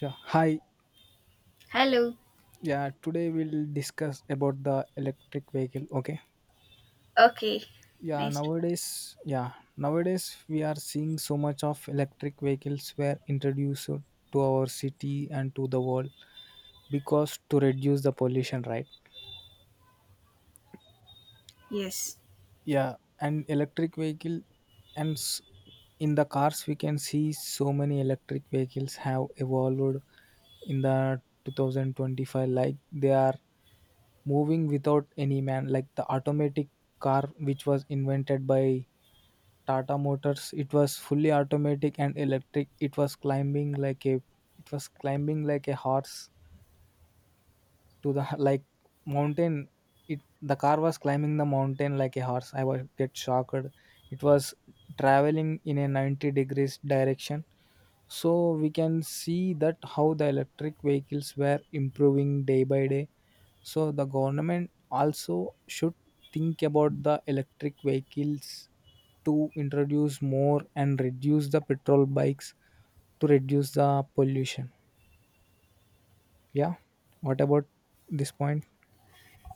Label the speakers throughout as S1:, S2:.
S1: Yeah, hi.
S2: Hello.
S1: Yeah, today we'll discuss about the electric vehicle. Okay.
S2: Okay. Nice to.
S1: Nowadays we are seeing so much of electric vehicles were introduced to our city and to the world because to reduce the pollution, right?
S2: Yes.
S1: yeah and electric vehicle and in the cars we can see so many electric vehicles have evolved in the 2025, like they are moving without any man, like the automatic car which was invented by Tata Motors. It was fully automatic and electric. It was climbing like a horse to the like mountain. It the car was climbing the mountain like a horse. I was get shocked. It was traveling in a 90 degrees direction. So we can see that how the electric vehicles were improving day by day. So the government also should think about the electric vehicles to introduce more and reduce the petrol bikes to reduce the pollution. Yeah what about this point?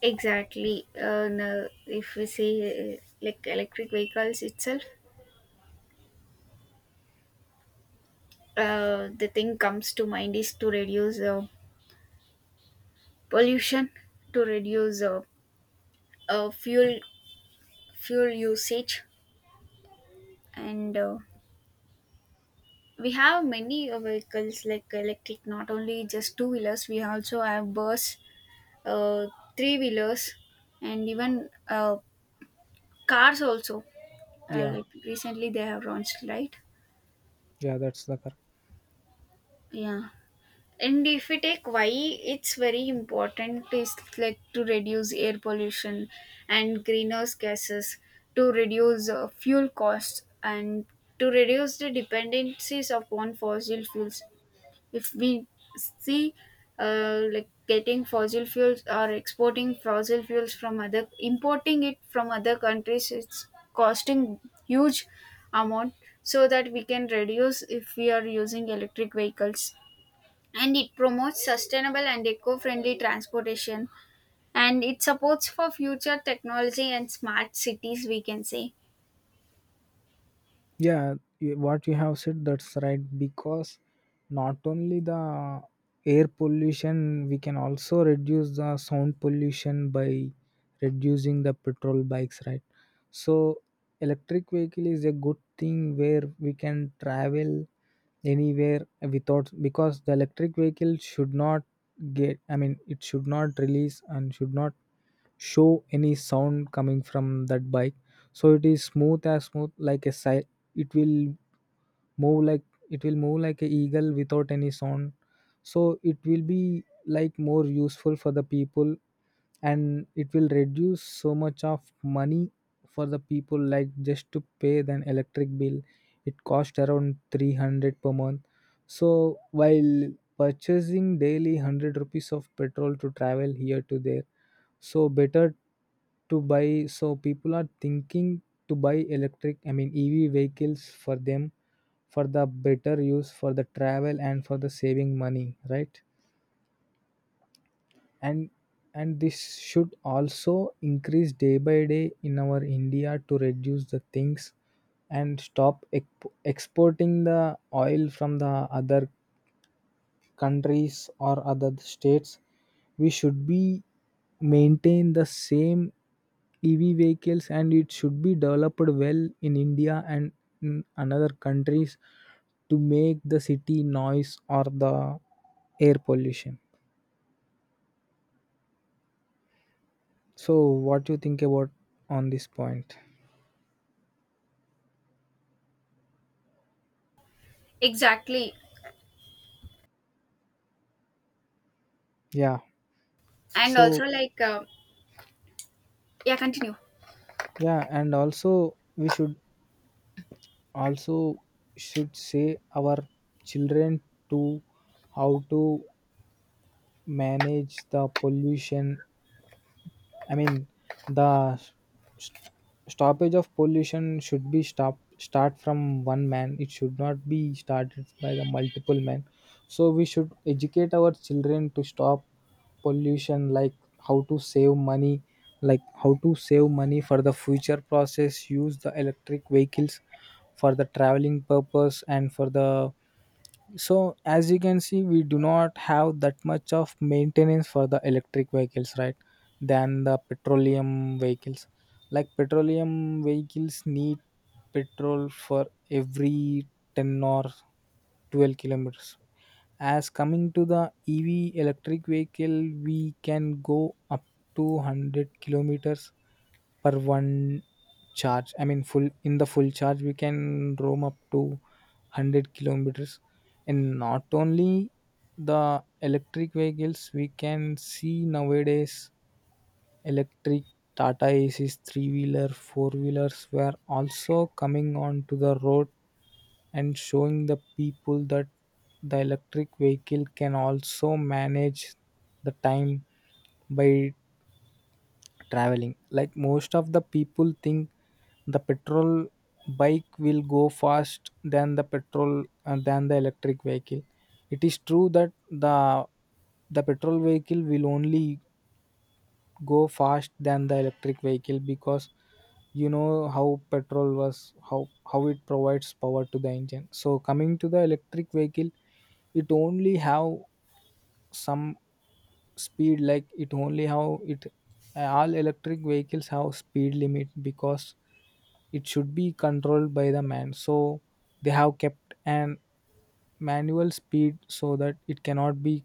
S2: Exactly. Now, if we see like electric vehicles itself, the thing comes to mind is to reduce pollution, to reduce uh, fuel fuel usage, and we have many vehicles like electric. Not only just two wheelers, we also have bus, uh, three wheelers, and even cars also.
S1: yeah
S2: Like recently, they have launched right.
S1: Yeah, that's the.
S2: Yeah. And if we take why it's very important is like to reduce air pollution and greenhouse gases, to reduce fuel costs and to reduce the dependencies upon fossil fuels. If we see like getting fossil fuels or exporting fossil fuels from other importing it from other countries, it's costing huge amount so that we can reduce if we are using electric vehicles, and it promotes sustainable and eco-friendly transportation, and it supports for future technology and smart cities, we can say.
S1: What you have said, that's right, because not only the air pollution, we can also reduce the sound pollution by reducing the petrol bikes, right? So electric vehicle is a good thing where we can travel anywhere without, because the electric vehicle should not get, I mean it should not release and should not show any sound coming from that bike. So it is smooth, as smooth like a silent. It will move like a eagle without any sound. So it will be like more useful for the people, and it will reduce so much of money for the people, like just to pay the electric bill. It cost around 300 per month. So while purchasing daily 100 rupees of petrol to travel here to there, so better to buy. So people are thinking to buy electric, I mean EV vehicles for them, for the better use for the travel and for the saving money, right? And and this should also increase day by day in our India to reduce the things and stop exporting the oil from the other countries or other states. We should be maintain the same EV vehicles, and it should be developed well in India and in another countries to make the city noise or the air pollution. So what do you think about on this point?
S2: Exactly.
S1: Yeah.
S2: And also
S1: So
S2: like yeah, continue.
S1: yeah, and also we should also should say our children to how to manage the pollution. I mean, the s- stoppage of pollution should be stop start from one man. It should not be started by the multiple men. So we should educate our children to stop pollution, like how to save money, like how to save money for the future process. Use the electric vehicles for the traveling purpose and for the. So as you can see, we do not have that much of maintenance for the electric vehicles, right? Than the petroleum vehicles. Like petroleum vehicles need petrol for every 10 or 12 kilometers. As coming to the EV electric vehicle, we can go up to 100 kilometers per one charge. I mean, full in the full charge, we can roam up to 100 kilometers. And not only the electric vehicles, we can see nowadays electric Tata Aces, three wheeler, four wheelers were also coming onto the road and showing the people that the electric vehicle can also manage the time by traveling. Like most of the people think the petrol bike will go fast than the petrol than the electric vehicle. It is true that the petrol vehicle will only go fast than the electric vehicle because you know how petrol was, how it provides power to the engine. So coming to the electric vehicle, it only have some speed, like it only how it. All electric vehicles have speed limit because it should be controlled by the man, so they have kept an manual speed so that it cannot be,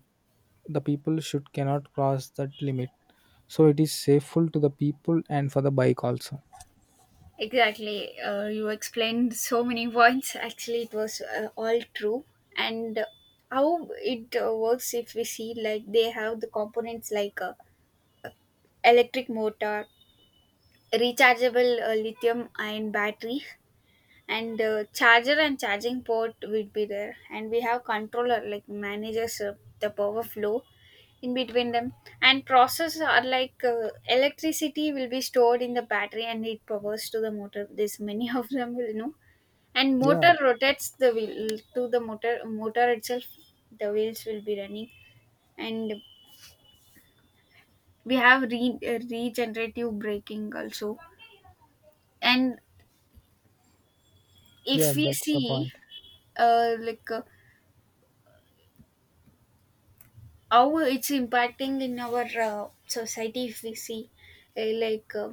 S1: the people should cannot cross that limit. So it is safe to the people and for the bike also.
S2: Exactly, you explained so many points. Actually it was all true. And how it works, if we see, like they have the components like electric motor, rechargeable lithium ion battery, and charger and charging port will be there, and we have controller like manages the power flow in between them. And process are like electricity will be stored in the battery and it powers to the motor. This many of them will know. And motor
S1: Yeah.
S2: rotates the wheel to the motor itself, the wheels will be running. And we have regenerative braking also. And
S1: Yeah,
S2: if we
S1: that's the
S2: see
S1: point.
S2: uh, like uh, how it's impacting in our society, if we see uh, like uh,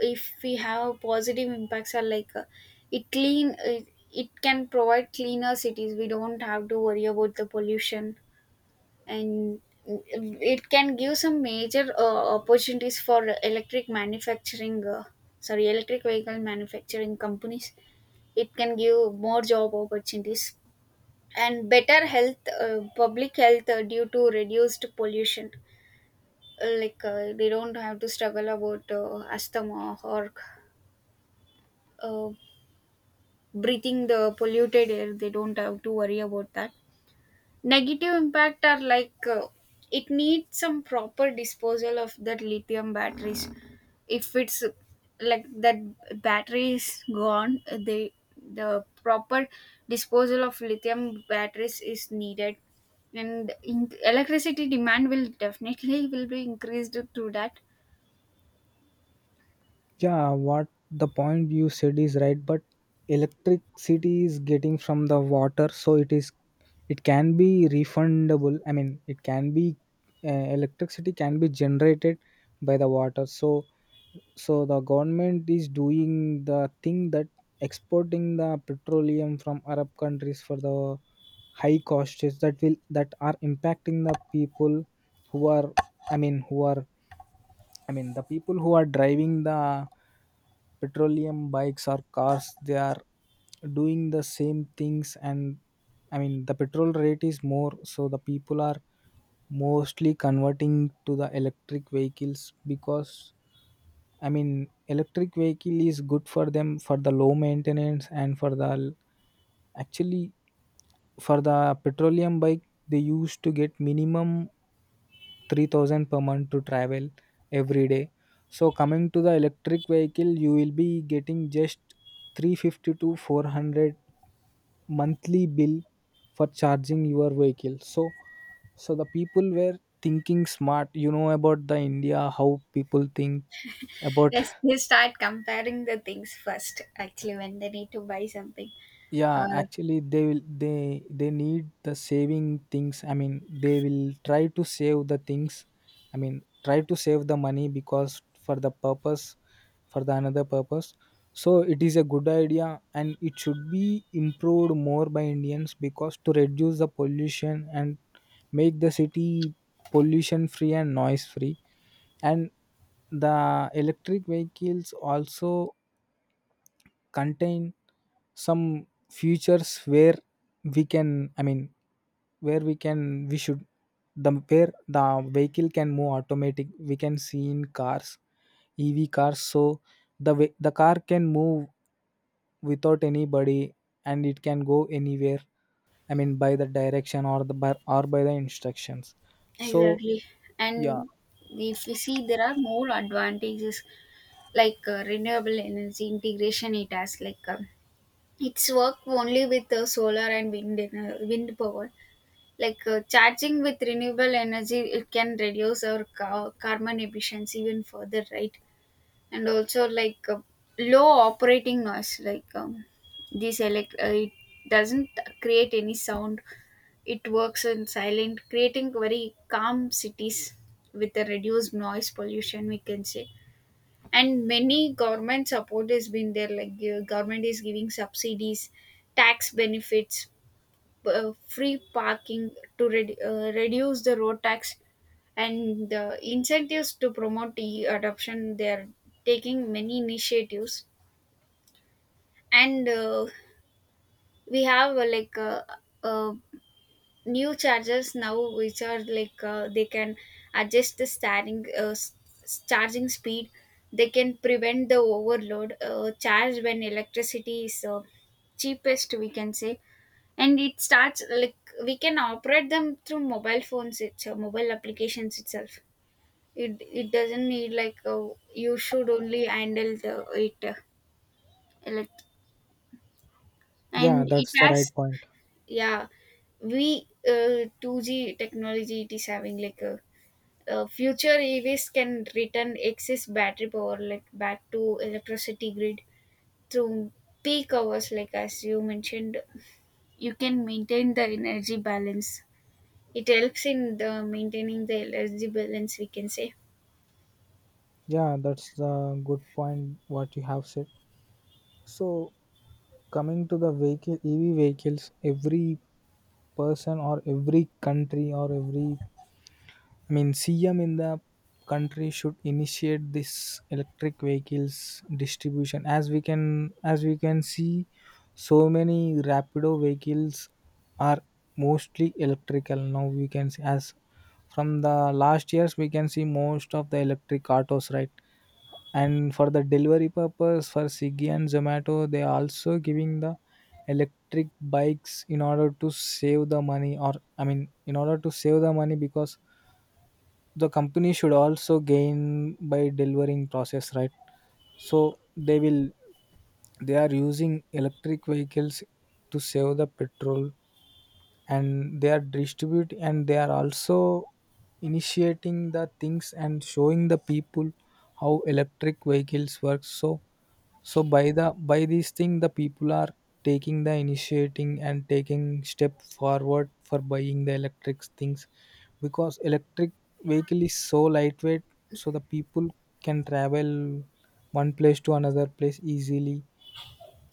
S2: if we have positive impacts are like it it can provide cleaner cities, we don't have to worry about the pollution. And it can give some major opportunities for electric manufacturing, sorry, electric vehicle manufacturing companies. It can give more job opportunities and better health, public health, due to reduced pollution. They don't have to struggle about asthma or uh, breathing the polluted air, they don't have to worry about that. Negative impact are like it needs some proper disposal of that lithium batteries. If it's like that battery is gone, the proper disposal of lithium batteries is needed. And electricity demand will definitely will be increased through that.
S1: Yeah, what the point you said is right, but electricity is getting from the water, so it is, it can be refundable, I mean it can be uh, electricity can be generated by the water. So so the government is doing the thing that exporting the petroleum from Arab countries for the high costs, that will, that are impacting the people who are I mean who are I mean, the people who are driving the petroleum bikes or cars, they are doing the same things. And I mean, the petrol rate is more, so the people are mostly converting to the electric vehicles because, I mean, electric vehicle is good for them for the low maintenance and for the actually. For the petroleum bike, they used to get minimum 3,000 per month to travel every day. So coming to the electric vehicle, you will be getting just 350 to 400 monthly bill for charging your vehicle. So so the people were thinking smart. You know about the India, how people think about.
S2: Yes, they start comparing the things first, actually, when they need to buy something.
S1: Yeah,
S2: Uh,
S1: actually they will, they need the saving things. I mean they will try to save the things, I mean try to save the money because for the purpose, for the another purpose. So it is a good idea, and it should be improved more by Indians because to reduce the pollution and make the city pollution free and noise free. And the electric vehicles also contain some features where we can, I mean where we can we should where the vehicle can move automatic. We can see in cars, EV cars. So the car can move without anybody, and it can go anywhere. I mean by the direction or or by the instructions. So
S2: exactly.
S1: yeah.
S2: And if we see, there are more advantages like renewable energy integration. It has like it's work only with solar and wind, wind power. Like charging with renewable energy, it can reduce our carbon emissions even further, right? And also like low operating noise, like this it doesn't create any sound, it works in silent, creating very calm cities with a reduced noise pollution, we can say. And many government support has been there, like government is giving subsidies, tax benefits, free parking, to reduce the road tax and the incentives to promote e adoption. They are taking many initiatives, and we have like uh, new chargers now, which are like they can adjust the starting charging speed. They can prevent the overload, charge when electricity is cheapest, we can say. And it starts like we can operate them through mobile phones, it's mobile applications itself. it it doesn't need like you should only handle the it like,
S1: Yeah,
S2: and it
S1: that's the
S2: has,
S1: right point.
S2: yeah, we 2g technology it is having, like a future evs can return excess battery power like back to electricity grid through peak hours, like as you mentioned, you can maintain the energy balance, it helps in the maintaining the energy balance, we can say.
S1: Yeah, that's the good point what you have said. So coming to the vehicle EV vehicles, every person or every country or every, I mean, CM in the country should initiate this electric vehicles distribution, as we can, as we can see so many Rapido vehicles are mostly electrical now. We can see as, from the last years, we can see most of the electric autos, right? And for the delivery purpose, for Swiggy and Zomato, they also giving the electric bikes in order to save the money, or, I mean in order to save the money because the company should also gain by delivering process, right? So they will, they are using electric vehicles to save the petrol, and they are distribute, and they are also initiating the things and showing the people how electric vehicles work. So so by the by these thing, the people are taking the initiating and taking step forward for buying the electric things because electric vehicle is so lightweight, so the people can travel one place to another place easily.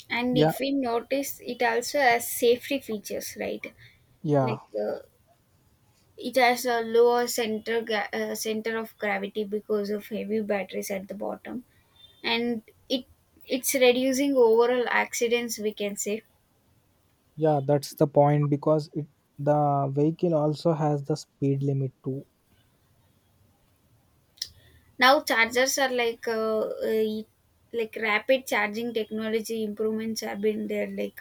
S2: And
S1: Yeah,
S2: if we notice, it also has safety features, right?
S1: yeah,
S2: Like it has a lower center of gravity because of heavy batteries at the bottom, and it it's reducing overall accidents, we can say.
S1: yeah, that's the point because it, the vehicle also has the speed limit too.
S2: Now chargers are like like rapid charging technology improvements have been there, like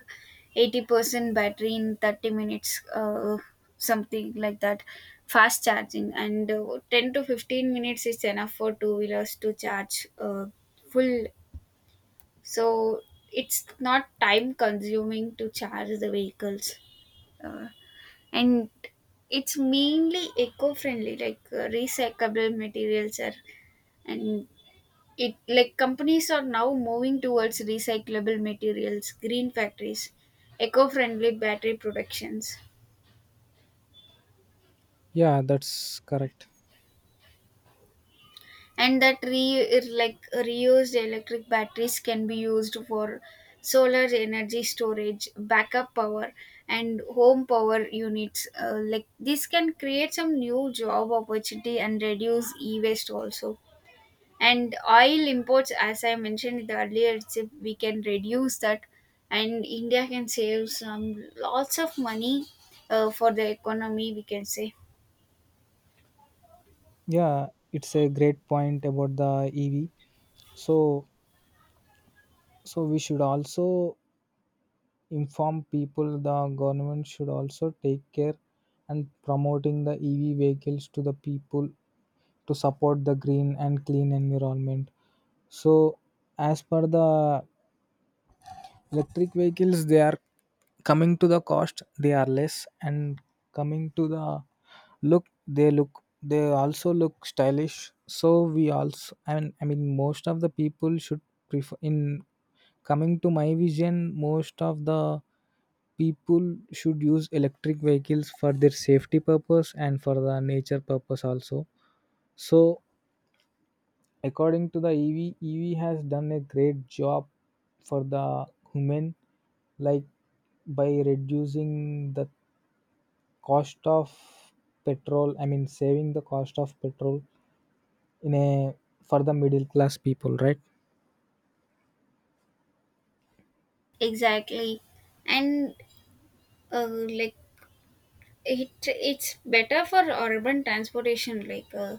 S2: 80% battery in 30 minutes, something like that, fast charging. And 10 to 15 minutes is enough for two wheelers to charge full. So it's not time consuming to charge the vehicles. Uh, and it's mainly eco-friendly, like recyclable materials are, and it like companies are now moving towards recyclable materials, green factories, eco-friendly battery productions,
S1: Yeah, that's correct.
S2: and that re like reused electric batteries can be used for solar energy storage, backup power, and home power units. Like this can create some new job opportunity and reduce e-waste also, and oil imports, as I mentioned in the earlier, it's if we can reduce that, and india can save some lots of money for the economy, we can say.
S1: Yeah, it's a great point about the EV. So so we should also inform people, the government should also take care and promoting the EV vehicles to the people to support the green and clean environment. So as per the electric vehicles, they are, coming to the cost, they are less. And coming to the look, they look, they also look stylish. So we also, and I mean most of the people should prefer in, coming to my vision, most of the people should use electric vehicles for their safety purpose and for the nature purpose also. So according to the EV, EV has done a great job for the human, like by reducing the cost of petrol. I mean, saving the cost of petrol in a, for the middle class people, right?
S2: Exactly. And uh, like it it's better for urban transportation, like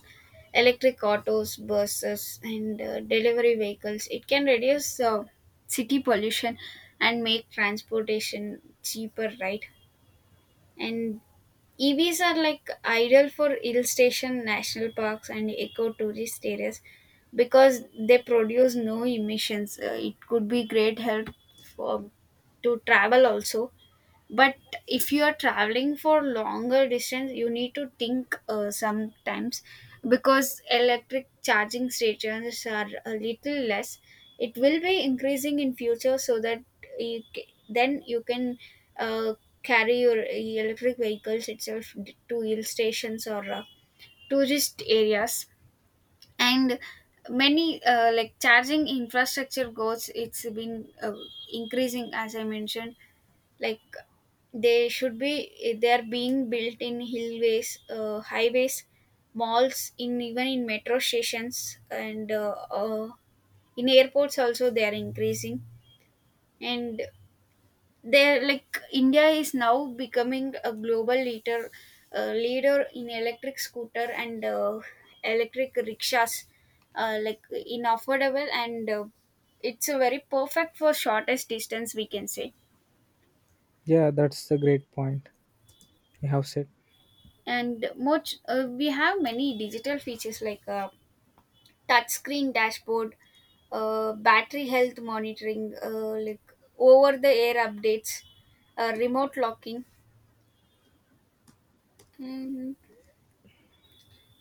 S2: electric autos, buses, and delivery vehicles, it can reduce city pollution and make transportation cheaper, right? And EVs are like ideal for hill station, national parks, and eco tourist areas, because they produce no emissions. It could be great help for to travel also. But if you are traveling for longer distance, you need to think sometimes, because electric charging stations are a little less. It will be increasing in future, so that then you can uh, carry your electric vehicles itself to hill stations or tourist areas. And many like charging infrastructure goals it's been increasing, as I mentioned. Like they should be they are being built in hillways, highways, malls, in even in metro stations, and in airports also they are increasing. And they're like india is now becoming a global leader, leader in electric scooter and electric rickshaws, like in affordable, and it's a very perfect for shortest distance, we can say.
S1: Yeah, that's a great point you have said.
S2: And much we have many digital features, like touchscreen dashboard, battery health monitoring, like over the air updates, remote locking, and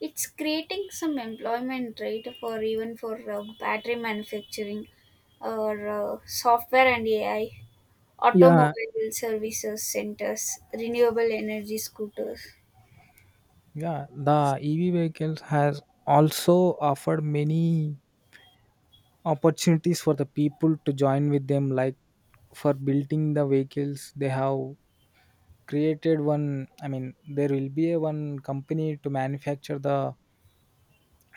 S2: it's creating some employment, right, for even for battery manufacturing or software and ai,
S1: Yeah,
S2: automobile services centers, renewable energy scooters.
S1: yeah. The EV vehicles has also offered many opportunities for the people to join with them, like for building the vehicles, they have created one, I mean there will be a one company to manufacture the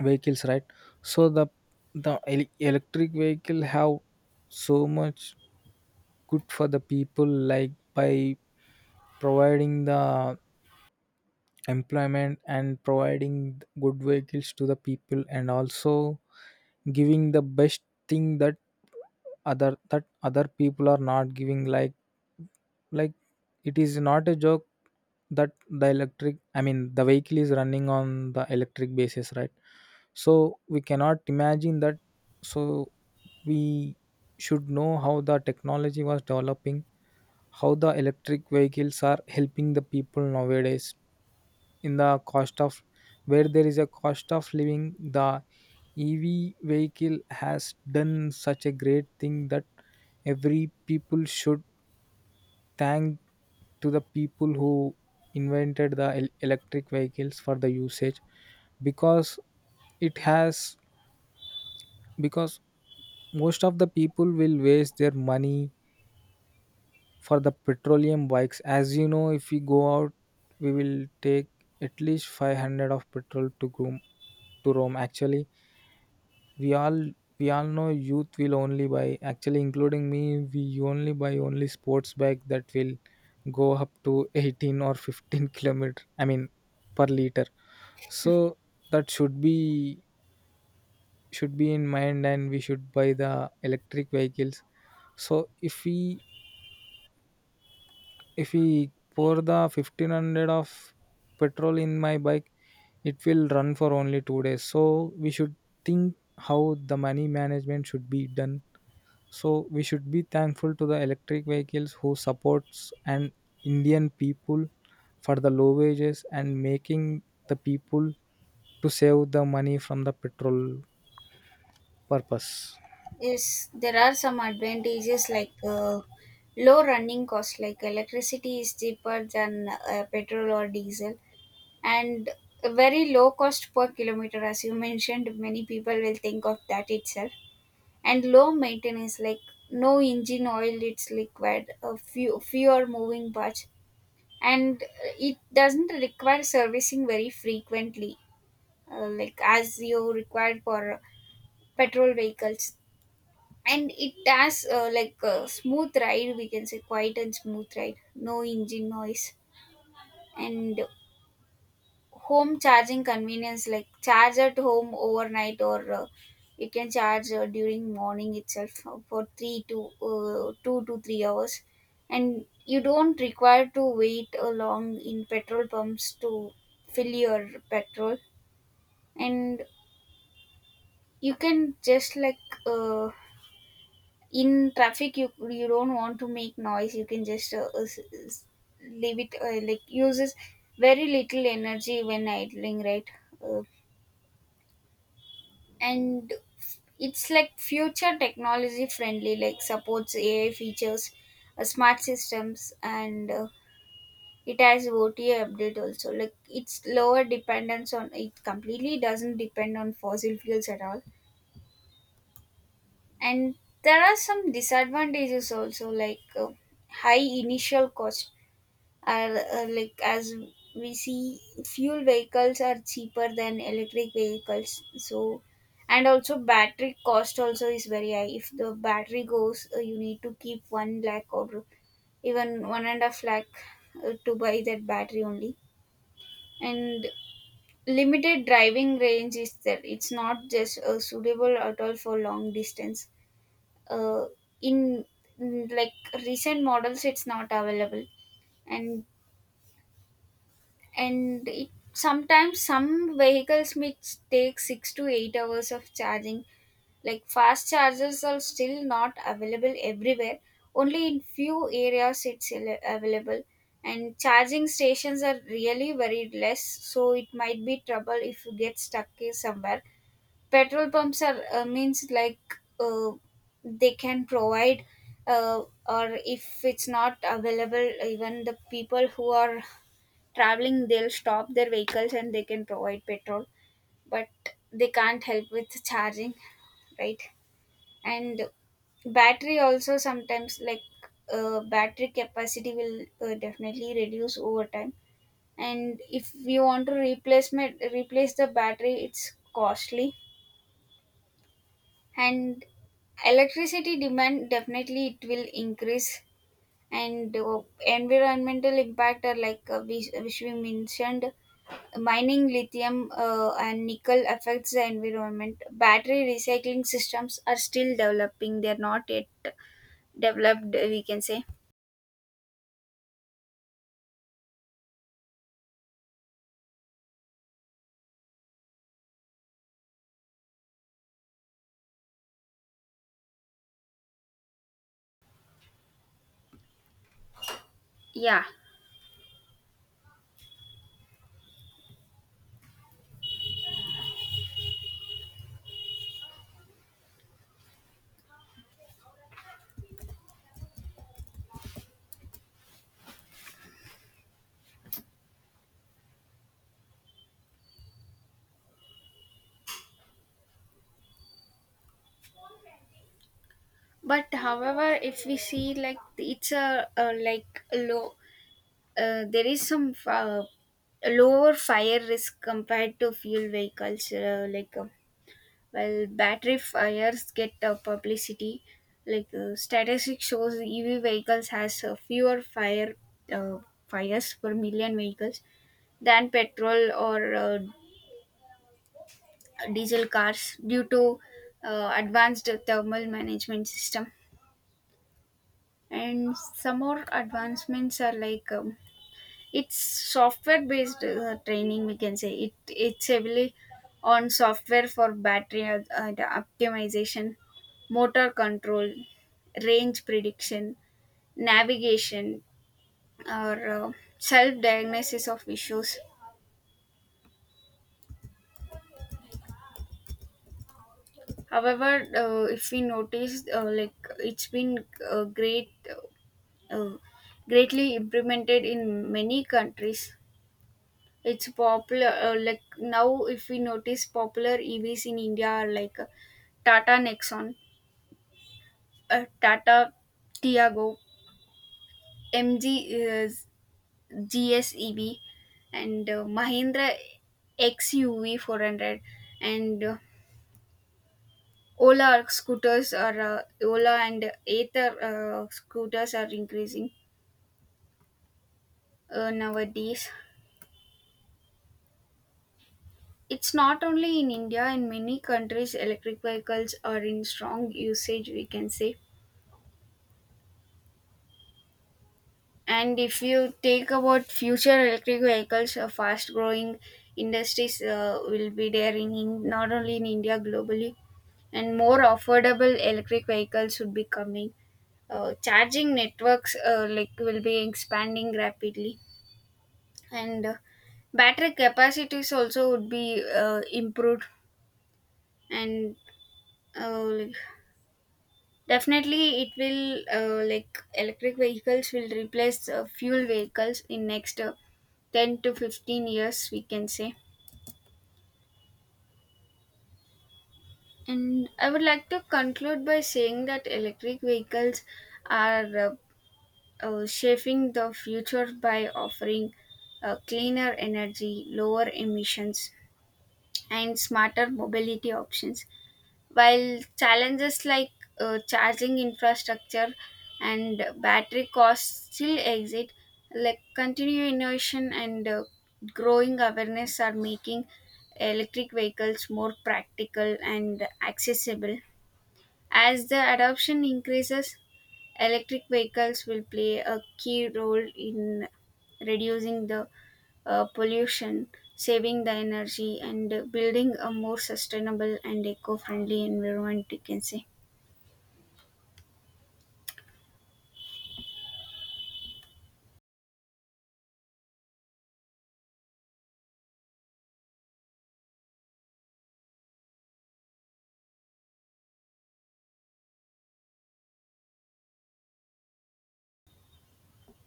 S1: vehicles, right? So the electric vehicle have so much good for the people, like by providing the employment and providing good vehicles to the people, and also giving the best thing that other people are not giving, like it is not a joke that the electric, I mean the vehicle is running on the electric basis, right? So we cannot imagine that. So we should know how the technology was developing, how the electric vehicles are helping the people nowadays. In the cost of, where there is a cost of living, the EV vehicle has done such a great thing that every people should thank to the people who invented the electric vehicles for the usage. Because it has, because most of the people will waste their money for the petroleum bikes. As you know, if we go out, we will take at least 500 of petrol to groom to rome, actually. we all we all know youth will only buy, actually including me, we only buy only sports bike that will go up to 18 or 15 kilometer, I mean per liter. So that should be, should be in mind, and we should buy the electric vehicles. So if we if we pour the 1500 of petrol in my bike, it will run for only 2 days. So we should think how the money management should be done. So we should be thankful to the electric vehicles who supports an Indian people for the low wages and making the people to save the money from the petrol purpose.
S2: Yes, there are some advantages, like low running cost, like electricity is cheaper than petrol or diesel, and a very low cost per kilometer, as you mentioned. Many people will think of that itself. And low maintenance, like no engine oil, it's liquid, a few fewer moving parts, and it doesn't require servicing very frequently, like as you required for petrol vehicles. And it has like a smooth ride, we can say, quiet and smooth ride, no engine noise. And home charging convenience, like charge at home overnight, or you can charge during morning itself for 3 to 2 to 3 hours, and you don't require to wait long in petrol pumps to fill your petrol. And you can just like in traffic, you don't want to make noise, you can just s- leave it, like uses very little energy when idling, right? Uh, and it's like future technology friendly, like supports ai features, smart systems, and it has ota update also, like it's lower dependence on it, completely doesn't depend on fossil fuels at all. And there are some disadvantages also, like high initial cost are, like as we see, fuel vehicles are cheaper than electric vehicles. So and also battery cost also is very high. If the battery goes you need to keep one lakh or even one and a half lakh to buy that battery only. And limited driving range is there, it's not just suitable at all for long distance uh, in like recent models it's not available. and and it sometimes some vehicles may take 6 to 8 hours of charging, like fast chargers are still not available everywhere, only in few areas it's available. And charging stations are really very less, so it might be trouble if you get stuck somewhere. Petrol pumps are means like they can provide uh, or if it's not available, even the people who are traveling they'll stop their vehicles and they can provide petrol, but they can't help with charging, right? And battery also sometimes, like battery capacity will definitely reduce over time. And if you want to replace the battery, it's costly. And electricity demand, definitely it will increase. And environmental impact are like which we mentioned, mining lithium and nickel affects the environment. Battery recycling systems are still developing, they're not yet developed, we can say. Yeah, but however, if we see, like it's a, low, there is some lower fire risk compared to fuel vehicles, Well, battery fires get publicity. Like statistics shows, EV vehicles has fewer uh, fires per million vehicles than petrol or diesel cars, due to advanced thermal management system. And some more advancements are like it's software based training, we can say, it it's heavily on software for battery and optimization, motor control, range prediction, navigation, or self diagnosis of issues. However if we notice like it's been uh, great uh, greatly implemented in many countries. It's popular, like now, if we notice, popular EVs in India are like Tata Nexon, Tata Tiago, MG GSEV, and Mahindra XUV 400, and Ola and Ather scooters are increasing nowadays. It's not only in India, in many countries electric vehicles are in strong usage, we can say. And if you take about future electric vehicles, a fast growing industries will be there in not only in India globally, and more affordable electric vehicles would be coming. Charging networks like will be expanding rapidly, and battery capacities also would be improved. And uh, definitely, it will like electric vehicles will replace fuel vehicles in next 10 to 15 years, we can say. And I would like to conclude by saying that electric vehicles are shaping the future by offering cleaner energy, lower emissions, and smarter mobility options. While challenges like charging infrastructure and battery costs still exist, like continued innovation and growing awareness are making electric vehicles more practical and accessible. As the adoption increases, electric vehicles will play a key role in reducing the pollution, saving the energy, and building a more sustainable and eco-friendly environment, you can say.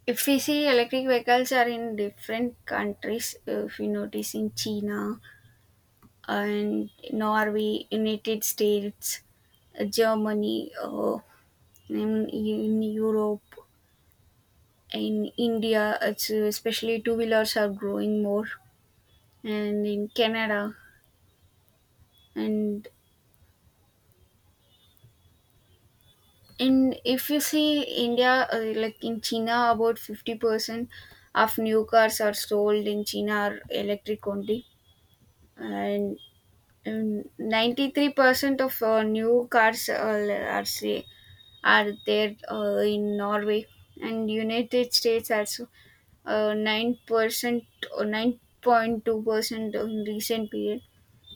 S2: If we see, electric vehicles are in different countries. If you notice, in China and Norway, United States, Germany, in Europe, in India, it's, especially two wheelers are growing more, and in Canada. and And if you see India, like in China, about 50% of new cars are sold in China are electric only. And 93% of new cars are, say, are there in Norway. And United States also 9% or 9.2% in recent period.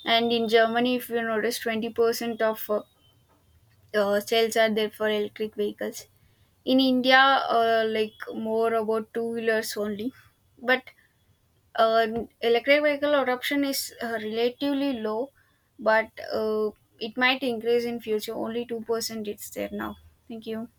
S2: And in Germany, if you notice, 20% of sales are there for electric vehicles. In India, like more about two wheelers only. But uh, electric vehicle adoption is relatively low, but it might increase in future. Only 2% it's there now. Thank you.